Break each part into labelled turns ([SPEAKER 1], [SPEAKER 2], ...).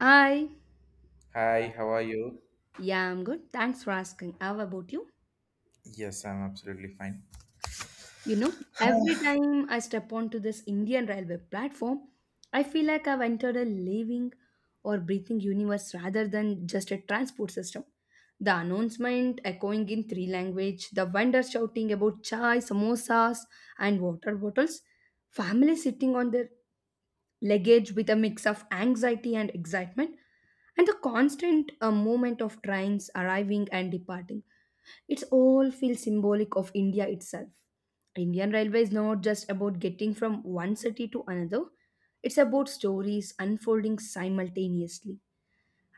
[SPEAKER 1] Hi.
[SPEAKER 2] Hi, how are you?
[SPEAKER 1] Yeah, I'm good. Thanks for asking. How about you?
[SPEAKER 2] Yes, I'm absolutely fine.
[SPEAKER 1] Every time I step onto this Indian railway platform, I feel like I've entered a living or breathing universe rather than just a transport system. The announcement echoing in three languages, the vendors shouting about chai, samosas, and water bottles, families sitting on their luggage with a mix of anxiety and excitement, and the constant movement of trains arriving and departing. It's all feels symbolic of India itself. Indian Railway is not just about getting from one city to another, it's about stories unfolding simultaneously.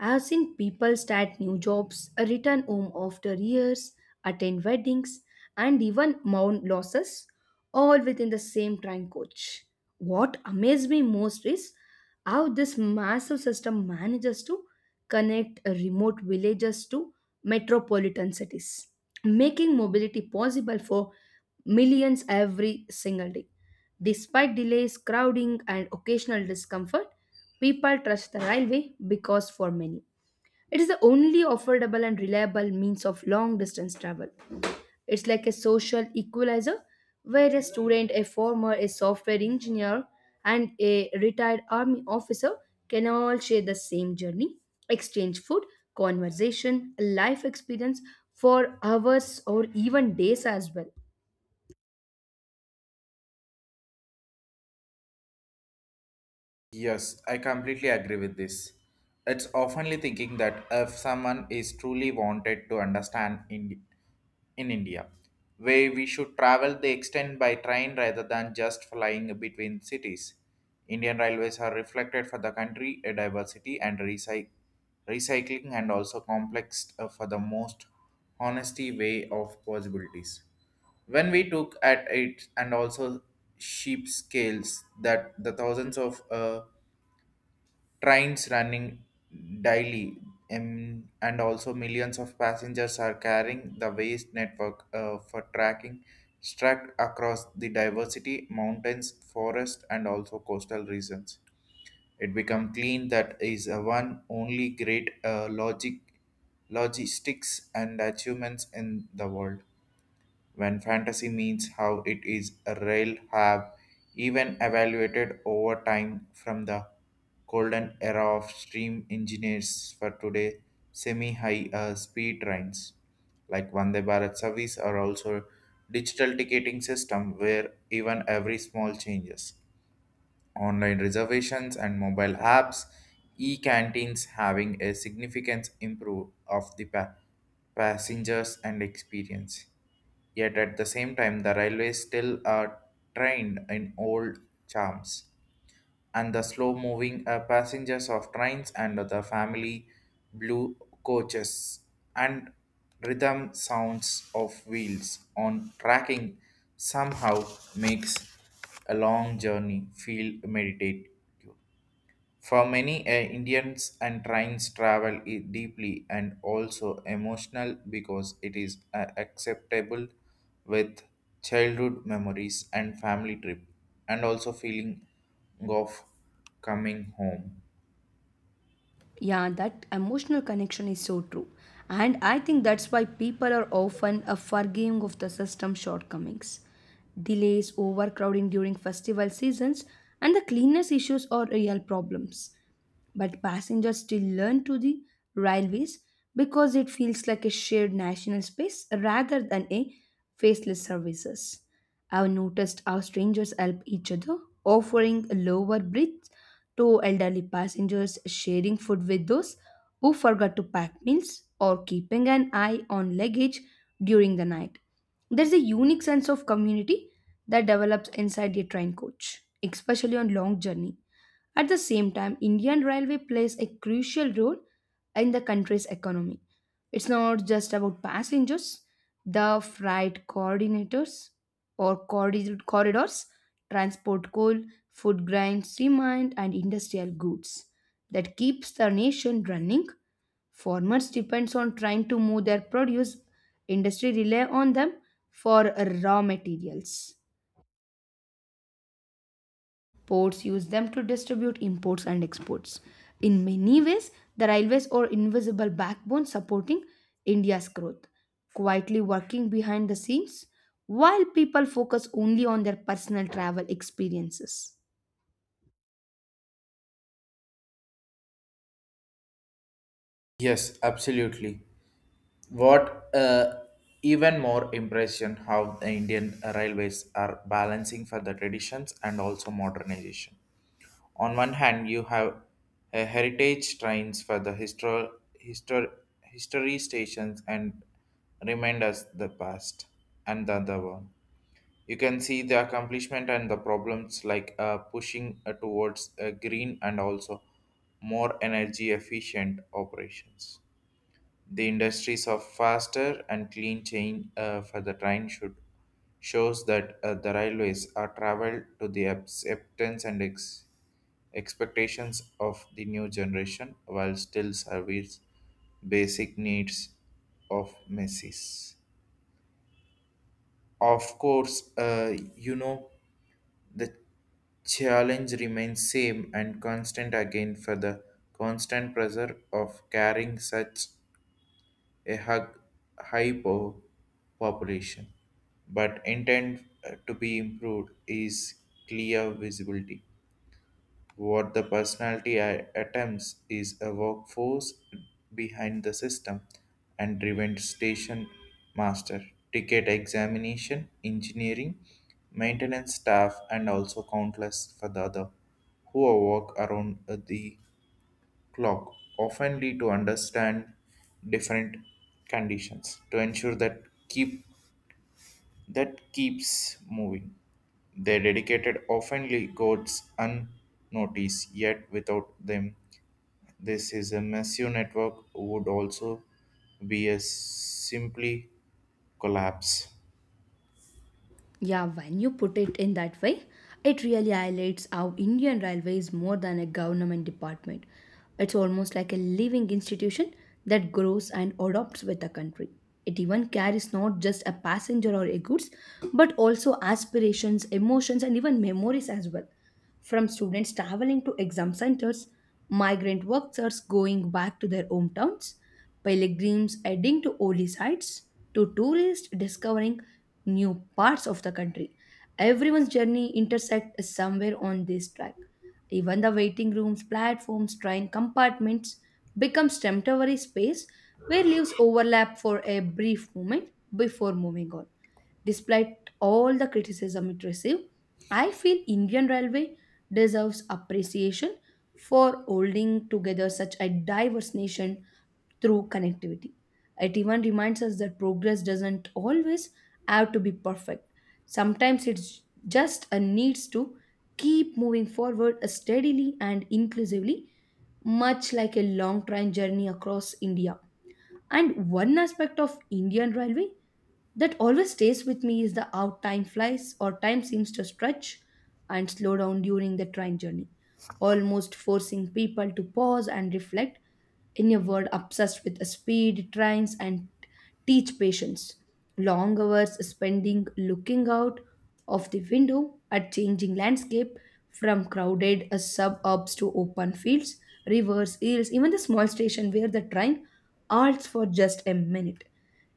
[SPEAKER 1] I've seen people start new jobs, return home after years, attend weddings, and even mourn losses, all within the same train coach. What amazed me most is how this massive system manages to connect remote villages to metropolitan cities, making mobility possible for millions every single day. Despite delays, crowding, and occasional discomfort, people trust the railway because for many, it is the only affordable and reliable means of long distance travel. It's like a social equalizer where a student, a farmer, a software engineer, and a retired army officer can all share the same journey, exchange food, conversation, life experience for hours or even days as well.
[SPEAKER 2] Yes, I completely agree with this. It's oftenly thinking that if someone is truly wanted to understand in India, where we should travel the extent by train rather than just flying between cities. Indian railways are reflected for the country a diversity and recycling and also complex for the most honesty way of possibilities. When we took at it and also sheep scales that the thousands of trains running daily and also millions of passengers are carrying the waste network for tracking struck across the diversity mountains forest and also coastal regions, it become clean that is a one only great logic logistics and achievements in the world when fantasy means how it is a rail have even evaluated over time from the golden era of steam engineers for today semi-high speed trains like Vande Bharat service are also digital ticketing system where even every small changes online reservations and mobile apps, e-canteens having a significant improve of the passengers and experience. Yet at the same time, the railways still are trained in old charms and the slow moving passengers of trains and the family blue coaches and rhythm sounds of wheels on tracking somehow makes a long journey feel meditative for many Indians and trains travel deeply and also emotional because it is acceptable with childhood memories and family trip and also feeling of coming home.
[SPEAKER 1] Yeah, that emotional connection is so true. And I think that's why people are often a forgiving of the system shortcomings. Delays, overcrowding during festival seasons, and the cleanness issues are real problems but passengers still learn to the railways because it feels like a shared national space rather than a faceless services. I've noticed how strangers help each other, offering lower bridges to elderly passengers, sharing food with those who forgot to pack meals, or keeping an eye on luggage during the night. There's a unique sense of community that develops inside a train coach, especially on long journey. At the same time, Indian Railway plays a crucial role in the country's economy. It's not just about passengers, the freight coordinators or corridors transport coal, food grains, cement, and industrial goods that keeps the nation running. Farmers depends on trying to move their produce, industry rely on them for raw materials. Ports use them to distribute imports and exports. In many ways, the railways are invisible backbone supporting India's growth, quietly working behind the scenes while people focus only on their personal travel experiences.
[SPEAKER 2] Yes, absolutely. What even more impression how the Indian railways are balancing for the traditions and also modernization. On one hand, you have heritage trains for the histor- history stations and remind us the past, and the other one. You can see the accomplishment and the problems like pushing towards green and also more energy efficient operations. The industries of faster and clean chain for the train should shows that the railways are traveled to the acceptance and expectations of the new generation while still service basic needs of masses. Of course, you know the challenge remains same and constant again for the constant pressure of carrying such a hug hypo population, but intent to be improved is clear visibility. What the personality attempts is a workforce behind the system and driven station master, ticket examination, engineering, maintenance staff, and also countless for the other who work around the clock oftenly to understand different conditions to ensure that keeps moving. Their dedicated oftenly goes unnoticed, yet without them, this is a massive network would also be a simply collapse.
[SPEAKER 1] Yeah, when you put it in that way, it really highlights how Indian Railway is more than a government department. It's almost like a living institution that grows and adopts with the country. It even carries not just a passenger or a goods, but also aspirations, emotions, and even memories as well. From students traveling to exam centers, migrant workers going back to their hometowns, pilgrims adding to holy sites, to tourists discovering new parts of the country. Everyone's journey intersects somewhere on this track. Even the waiting rooms, platforms, train compartments becomes temporary space where lives overlap for a brief moment before moving on. Despite all the criticism it received, I feel Indian Railway deserves appreciation for holding together such a diverse nation through connectivity. It even reminds us that progress doesn't always have to be perfect. Sometimes it's just a needs to keep moving forward steadily and inclusively, much like a long train journey across India. And one aspect of Indian railway that always stays with me is the how time flies or time seems to stretch and slow down during the train journey, almost forcing people to pause and reflect in a world obsessed with speed, trends, and teach patience. Long hours spending looking out of the window at changing landscape from crowded suburbs to open fields, rivers, hills, even the small station where the train halts for just a minute.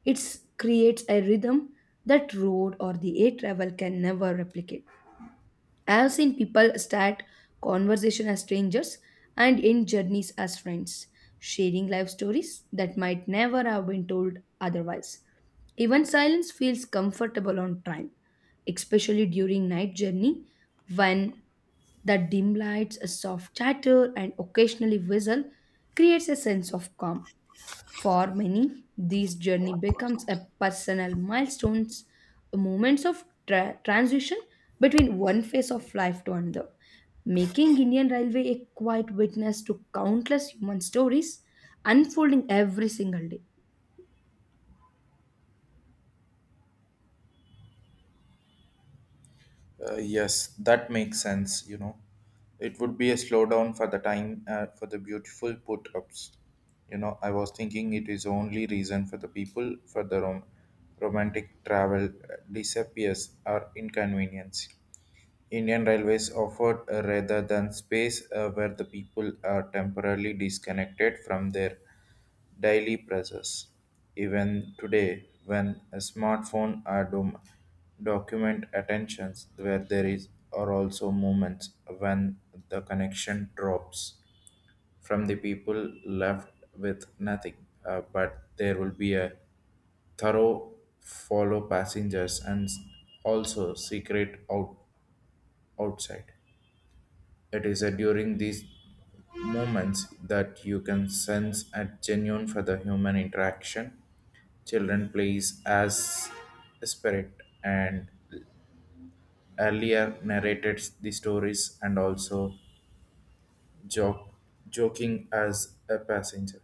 [SPEAKER 1] It creates a rhythm that road or the air travel can never replicate. I have seen people start conversation as strangers and end journeys as friends, sharing life stories that might never have been told otherwise. Even silence feels comfortable on time, especially during night journey when the dim lights, a soft chatter, and occasionally whistle creates a sense of calm. For many, this journey becomes a personal milestones, moments of transition between one phase of life to another, making Indian Railway a quiet witness to countless human stories unfolding every single day.
[SPEAKER 2] Yes, that makes sense, you know. It would be a slowdown for the time for the beautiful put ups. You know, I was thinking it is only reason for the people for the romantic travel disappears or inconvenience. Indian Railways offered rather than space where the people are temporarily disconnected from their daily pressures. Even today, when a smartphone are document attentions, where there is are also moments when the connection drops from the people left with nothing, but there will be a thorough follow passengers and also secret outside. It is during these moments that you can sense a genuine for the human interaction. Children plays as a spirit and earlier narrated the stories and also joke, joking as a passenger.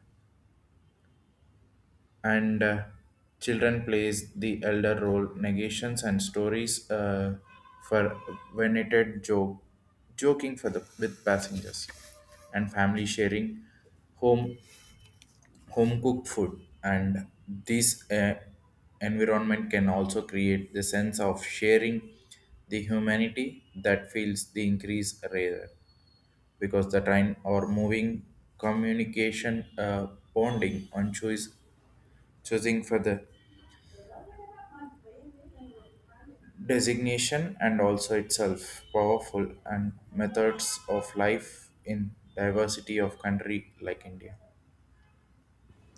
[SPEAKER 2] And children plays the elder role negations and stories for venerated joke joking for the with passengers and family sharing home home cooked food and this environment can also create the sense of sharing the humanity that feels the increase rare because the time or moving communication bonding on choice choosing for the designation and also itself powerful and methods of life in diversity of country like India.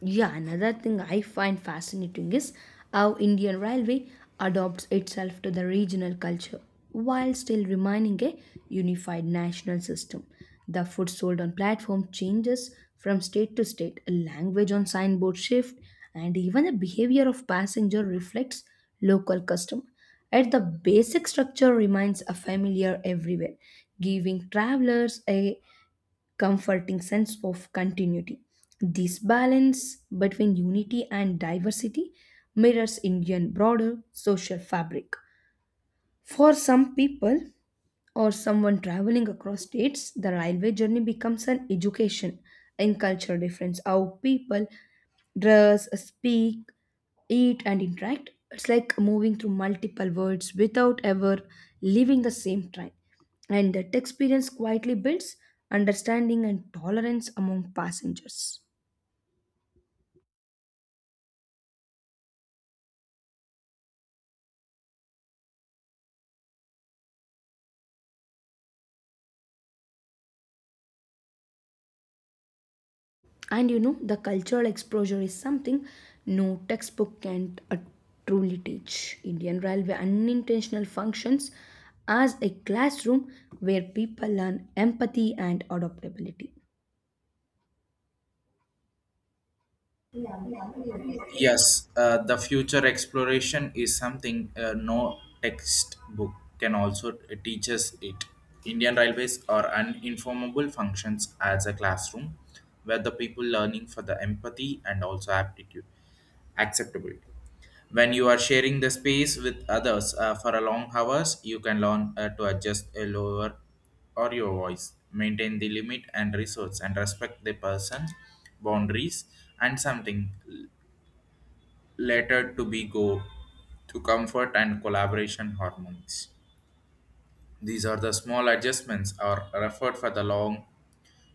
[SPEAKER 1] Yeah, another thing I find fascinating is how Indian Railway adopts itself to the regional culture while still remaining a unified national system. The food sold on platform changes from state to state, language on signboard shift, and even the behavior of passenger reflects local custom. At the basic structure remains a familiar everywhere, giving travelers a comforting sense of continuity. This balance between unity and diversity mirrors Indian broader social fabric. For some people, or someone traveling across states, the railway journey becomes an education in cultural difference. How people dress, speak, eat, and interact. It's like moving through multiple worlds without ever leaving the same train. And that experience quietly builds understanding and tolerance among passengers. And the cultural exposure is something no textbook can truly teach. Indian railway unintentional functions as a classroom where people learn empathy and adaptability.
[SPEAKER 2] Yes, the future exploration is something no textbook can also teach us it. Indian Railways are uninformable functions as a classroom where the people learning for the empathy and also aptitude, acceptability. When you are sharing the space with others for a long hours, you can learn to adjust a lower or your voice, maintain the limit and resource, and respect the person boundaries and something later to be go to comfort and collaboration hormones. These are the small adjustments are referred for the long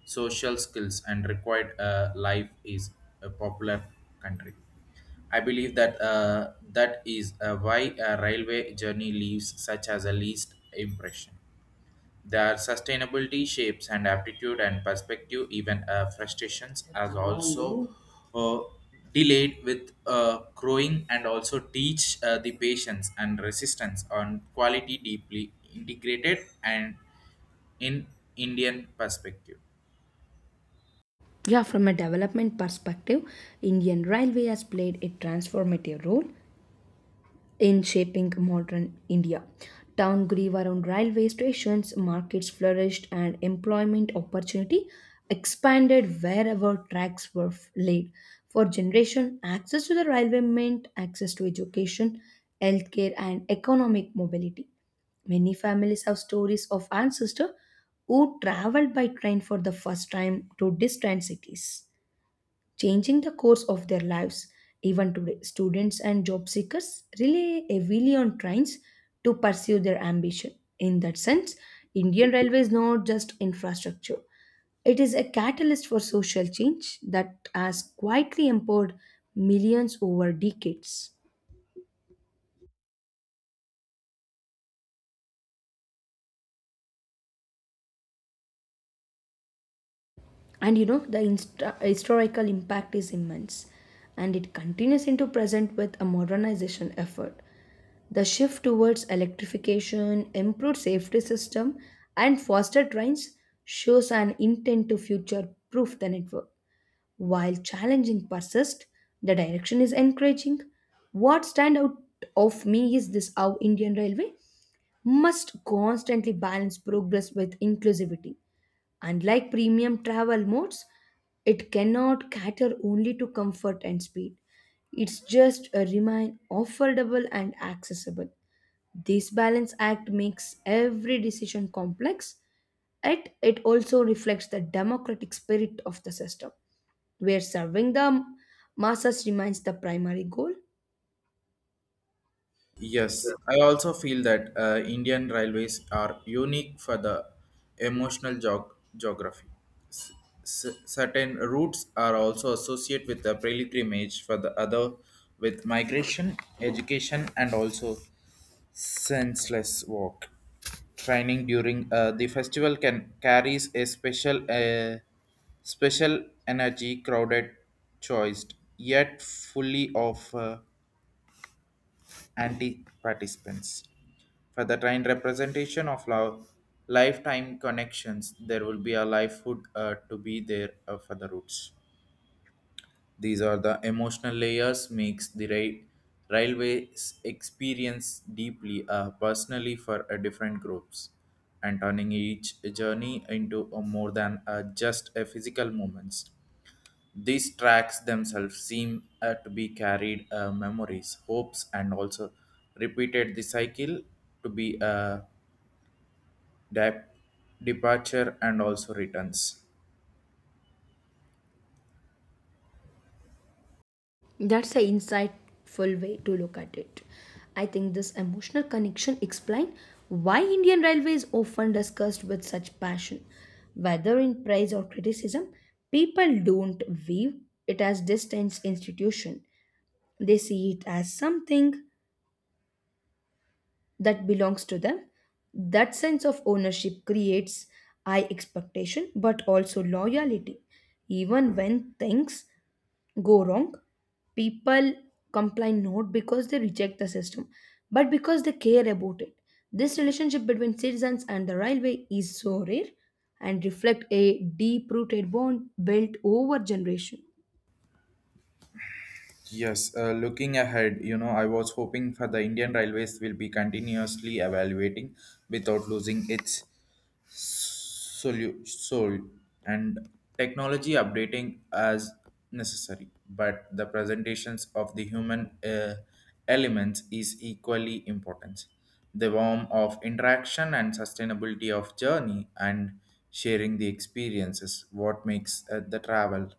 [SPEAKER 2] social skills and required life is a popular country. I believe that that is why a railway journey leaves such as a least impression. Their sustainability shapes and aptitude and perspective, even frustrations, as also uh, delayed with growing and also teach the patience and resistance on quality deeply integrated and in Indian perspective.
[SPEAKER 1] Yeah, from a development perspective, Indian railway has played a transformative role in shaping modern India. Town grew around railway stations, markets flourished, and employment opportunity expanded wherever tracks were laid. For generation, access to the railway meant access to education, healthcare, and economic mobility. Many families have stories of ancestors who traveled by train for the first time to distant cities changing the course of their lives. Even today, students and job seekers rely heavily on trains to pursue their ambition. In that sense, Indian Railway is not just infrastructure, it is a catalyst for social change that has quietly empowered millions over decades. The historical impact is immense and it continues into present with a modernization effort. The shift towards electrification, improved safety system, and faster trains shows an intent to future proof the network. While challenging persist, the direction is encouraging. What stand out of me is this how Indian Railway must constantly balance progress with inclusivity. Unlike premium travel modes, it cannot cater only to comfort and speed. It's just a remain affordable and accessible. This balance act makes every decision complex, yet it also reflects the democratic spirit of the system, where serving the masses remains the primary goal.
[SPEAKER 2] Yes, I also feel that Indian railways are unique for the emotional geography. Certain routes are also associated with the pilgrimage for the other with migration education and also senseless walk training during the festival can carries a special energy crowded choiced yet fully of anti participants for the train representation of love lifetime connections there will be a livelihood to be there for the roots. These are the emotional layers makes the railways experience deeply personally for different groups and turning each journey into a more than just a physical moments. These tracks themselves seem to be carried memories, hopes, and also repeated the cycle to be a dep- departure and also returns.
[SPEAKER 1] That's an insightful way to look at it. I think this emotional connection explains why Indian Railway is often discussed with such passion. Whether in praise or criticism, people don't view it as distant institution. They see it as something that belongs to them. That sense of ownership creates high expectation but also loyalty. Even when things go wrong, people complain not because they reject the system but because they care about it. This relationship between citizens and the railway is so rare and reflect a deep rooted bond built over generation.
[SPEAKER 2] Yes, looking ahead, you know, I was hoping for the Indian Railways will be continuously evaluating without losing its soul and technology updating as necessary. But the presentations of the human elements is equally important. The warmth of interaction and sustainability of journey and sharing the experiences, what makes the travel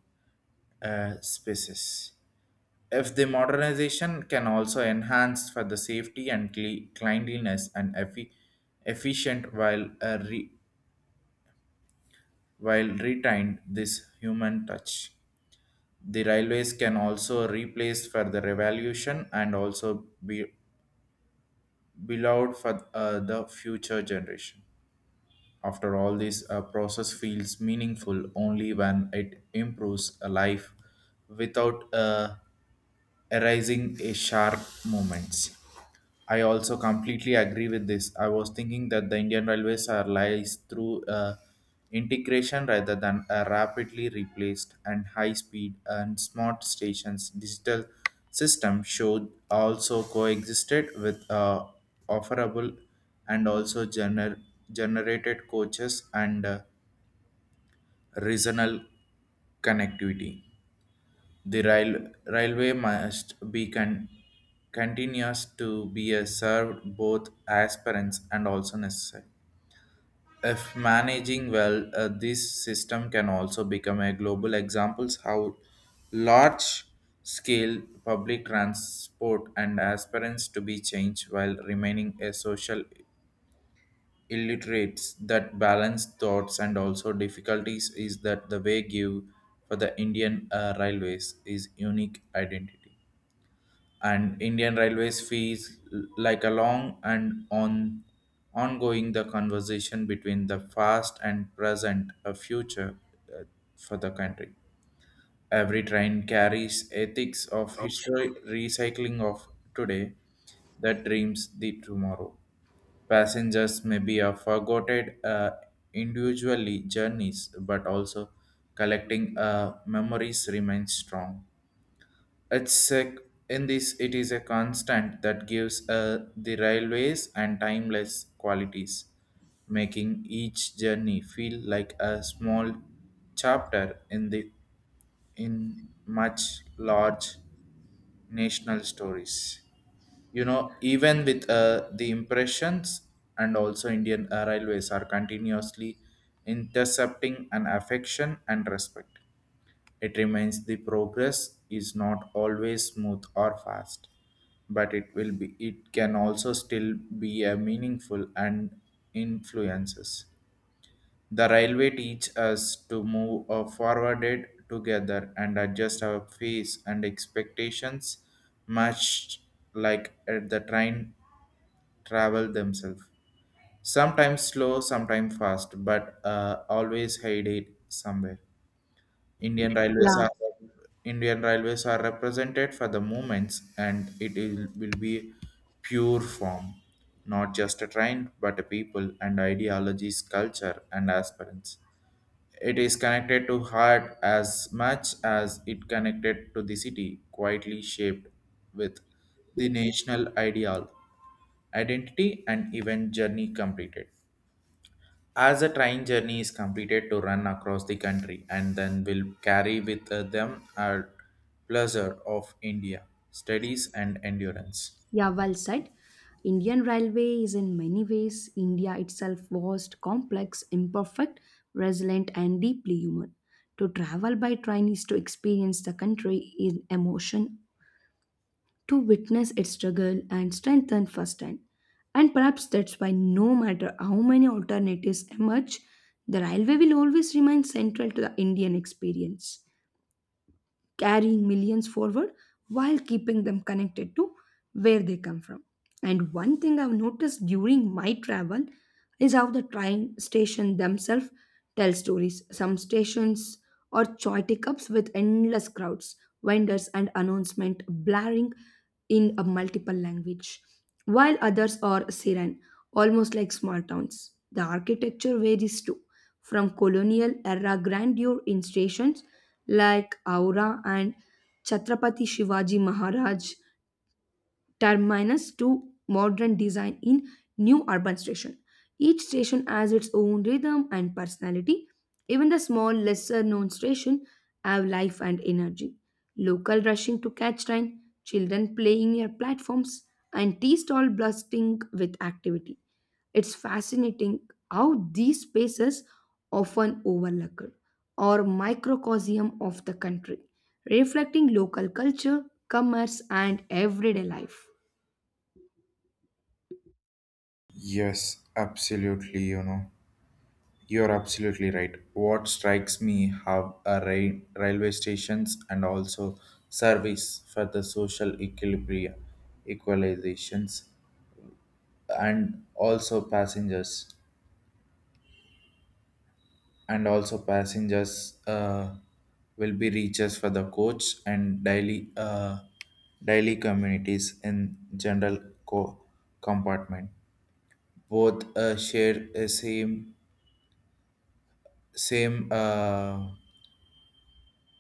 [SPEAKER 2] spaces. If the modernization can also enhance for the safety and cleanliness and efficient while while retained this human touch. The railways can also replace for the revolution and also be beloved for the future generation. After all, this process feels meaningful only when it improves a life without arising a sharp moments. I also completely agree with this. I was thinking that the Indian Railways are lies through integration rather than a rapidly replaced and high speed and smart stations digital system should also coexisted with offerable and also generated coaches and regional connectivity. The railway must be continuous to be a served both aspirants and also necessary. If managing well, this system can also become a global examples how large scale public transport and aspirants to be changed while remaining a social illiterates that balance thoughts and also difficulties is that the way give for the Indian railways is unique identity and Indian railways fees like a long and on ongoing the conversation between the past and present a future uh, for the country. Every train carries ethics of history recycling of today that dreams the tomorrow. Passengers may be a forgotten individually journeys, but also collecting memories remains strong. It's a, in this it is a constant that gives the railways and timeless qualities, making each journey feel like a small chapter in the in much large national stories. You know, even with the impressions and also Indian railways are continuously intercepting an affection and respect. It remains the progress is not always smooth or fast, but it will be it can also still be a meaningful and influences. The railway teach us to move forwarded together and adjust our pace and expectations much like at the train travel themselves. Sometimes slow, sometimes fast, but always headed somewhere. Indian Railways
[SPEAKER 1] Yeah.
[SPEAKER 2] are Indian Railways are represented for the movements, and it is, will be pure form, not just a train, but a people and ideologies, culture and aspirants. It is connected to heart as much as it connected to the city, quietly shaped with the national ideal, identity, and even journey completed. As a train journey is completed to run across the country and then will carry with them a pleasure of India, studies and endurance.
[SPEAKER 1] Yeah, well said. Indian Railway is in many ways India itself vast, complex, imperfect, resilient, and deeply human. To travel by train is to experience the country in emotion, to witness its struggle and strengthen firsthand. And perhaps that's why, no matter how many alternatives emerge, the railway will always remain central to the Indian experience carrying millions forward while keeping them connected to where they come from. And one thing I've noticed during my travel is how the train station themselves tell stories. Some stations are choitic ups with endless crowds, vendors, and announcement blaring in a multiple language, while others are serene, almost like small towns. The architecture varies too, from colonial era grandeur in stations like Aura and Chhatrapati Shivaji Maharaj terminus to modern design in new urban station. Each station has its own rhythm and personality. Even the small, lesser known station have life and energy. Local rushing to catch train, children playing near platforms, and tea stall blasting with activity. It's fascinating how these spaces often overlooked or microcosm of the country, reflecting local culture, commerce, and everyday life.
[SPEAKER 2] Yes, absolutely. You know, you're absolutely right. What strikes me how a railway stations and also service for the social equalizations, and also passengers will be reaches for the coach and daily communities in general co- compartment both share a same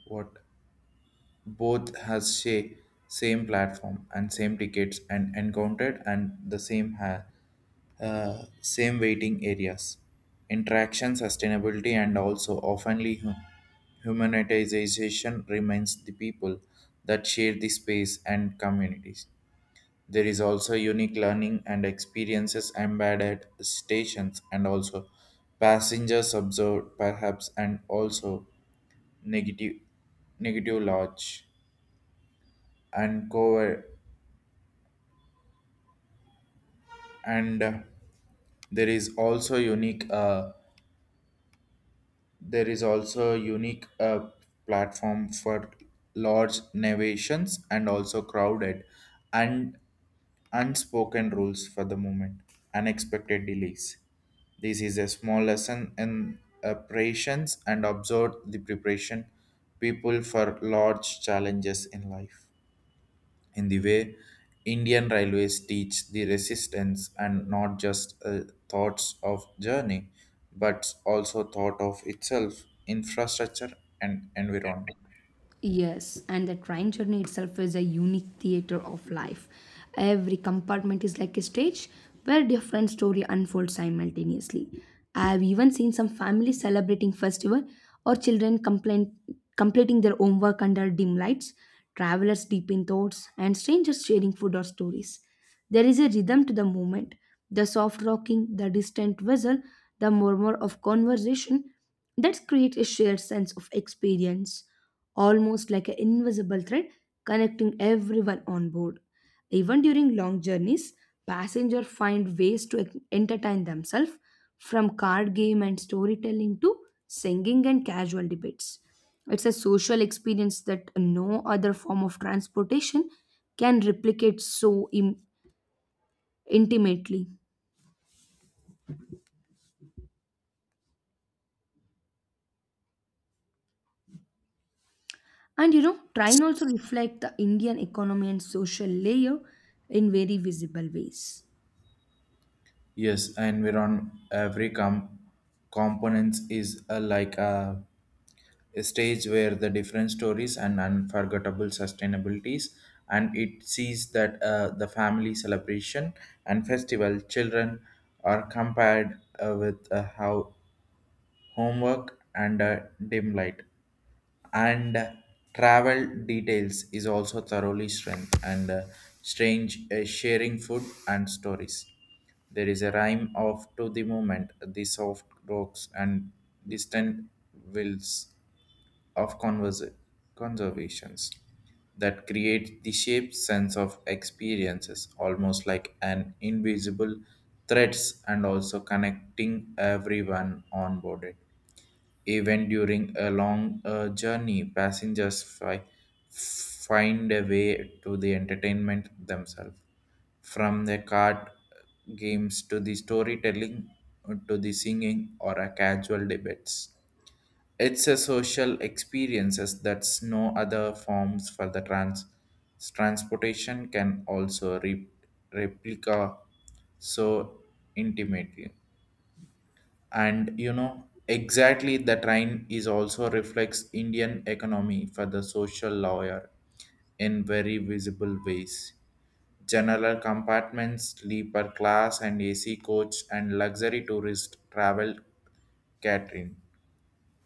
[SPEAKER 2] what both has sha- same platform and same tickets and encountered and the same waiting areas interaction sustainability and also oftenly humanitization remains the people that share the space and communities, there is also unique learning and experiences embedded stations and also passengers observed perhaps and also negative negative lodge and cover and there is also unique uh, there is also unique platform for large narrations and also crowded and unspoken rules for the moment unexpected delays, this is a small lesson in operations and observe the preparation people for large challenges in life in the way Indian railways teach the resistance and not just thoughts of journey, but also thought of itself, infrastructure and environment.
[SPEAKER 1] Yes, and the train journey itself is a unique theater of life. Every compartment is like a stage where different story unfolds simultaneously. I have even seen some families celebrating festival or children complain, completing their homework under dim lights, travelers deep in thoughts, and strangers sharing food or stories. There is a rhythm to the moment: the soft rocking, the distant whistle, the murmur of conversation that create a shared sense of experience almost like an invisible thread connecting everyone on board. Even during long journeys, passengers find ways to entertain themselves from card game and storytelling to singing and casual debates. It's a social experience that no other form of transportation can replicate so intimately. Train also reflect the Indian economy and social layer in very visible ways.
[SPEAKER 2] Yes, environment every components is like a stage where the different stories and unforgettable sustainabilities, and it sees that the family celebration and festival children are compared with how homework, and a dim light and travel details is also thoroughly strength and strange sharing food and stories, there is a rhyme of to the moment the soft rocks and distant wills of conservations that create the shape sense of experiences almost like an invisible threads and also connecting everyone on board, even during a long journey, passengers find a way to the entertainment themselves. From the card games to the storytelling to the singing or a casual debates. It's a social experiences that's no other forms for the transportation can also replica so intimately and you know exactly the train is also reflects Indian economy for the social lawyer in very visible ways general compartments sleeper class and ac coach and luxury tourist travel catering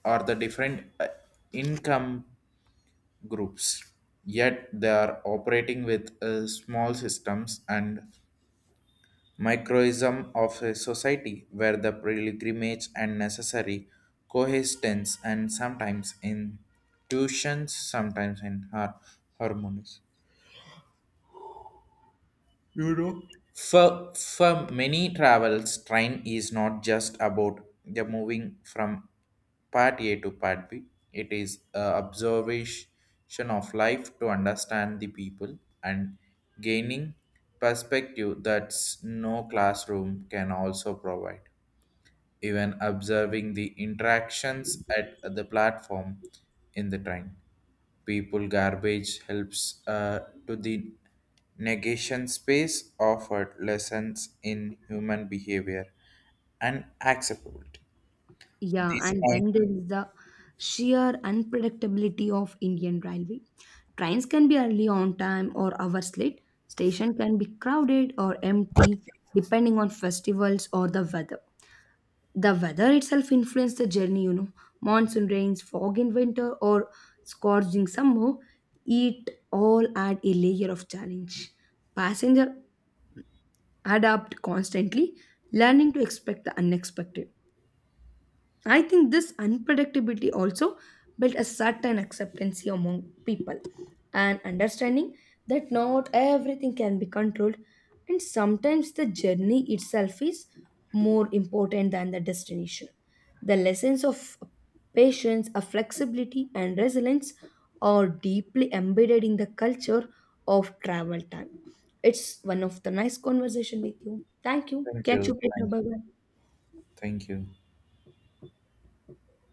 [SPEAKER 2] are the different income groups yet they are operating with small systems and microism of a society where the pilgrimage and necessary coexistence and sometimes in tuitions, sometimes in harmonies. You know? For many travels, train is not just about the moving from part A to part B. It is a observation of life to understand the people and gaining perspective that no classroom can also provide, even observing the interactions at the platform in the train. People garbage helps to the negation space offered lessons in human behavior and acceptability.
[SPEAKER 1] Yeah,
[SPEAKER 2] This
[SPEAKER 1] and
[SPEAKER 2] point,
[SPEAKER 1] then there is the sheer unpredictability of Indian railway. Trains can be early on time or hours late. Station can be crowded or empty depending on festivals or the weather. The weather itself influences the journey. Monsoon rains, fog in winter, or scorching summer, it all add a layer of challenge. Passenger adapt constantly, learning to expect the unexpected. I think this unpredictability also built a certain acceptance among people and understanding that not everything can be controlled, and sometimes the journey itself is more important than the destination. The lessons of patience, of flexibility, and resilience are deeply embedded in the culture of travel time. It's one of the nice conversation with you. Thank you.
[SPEAKER 2] thank
[SPEAKER 1] Catch you
[SPEAKER 2] you,
[SPEAKER 1] later.
[SPEAKER 2] thank
[SPEAKER 1] Bye
[SPEAKER 2] you,
[SPEAKER 1] bye.
[SPEAKER 2] thank you.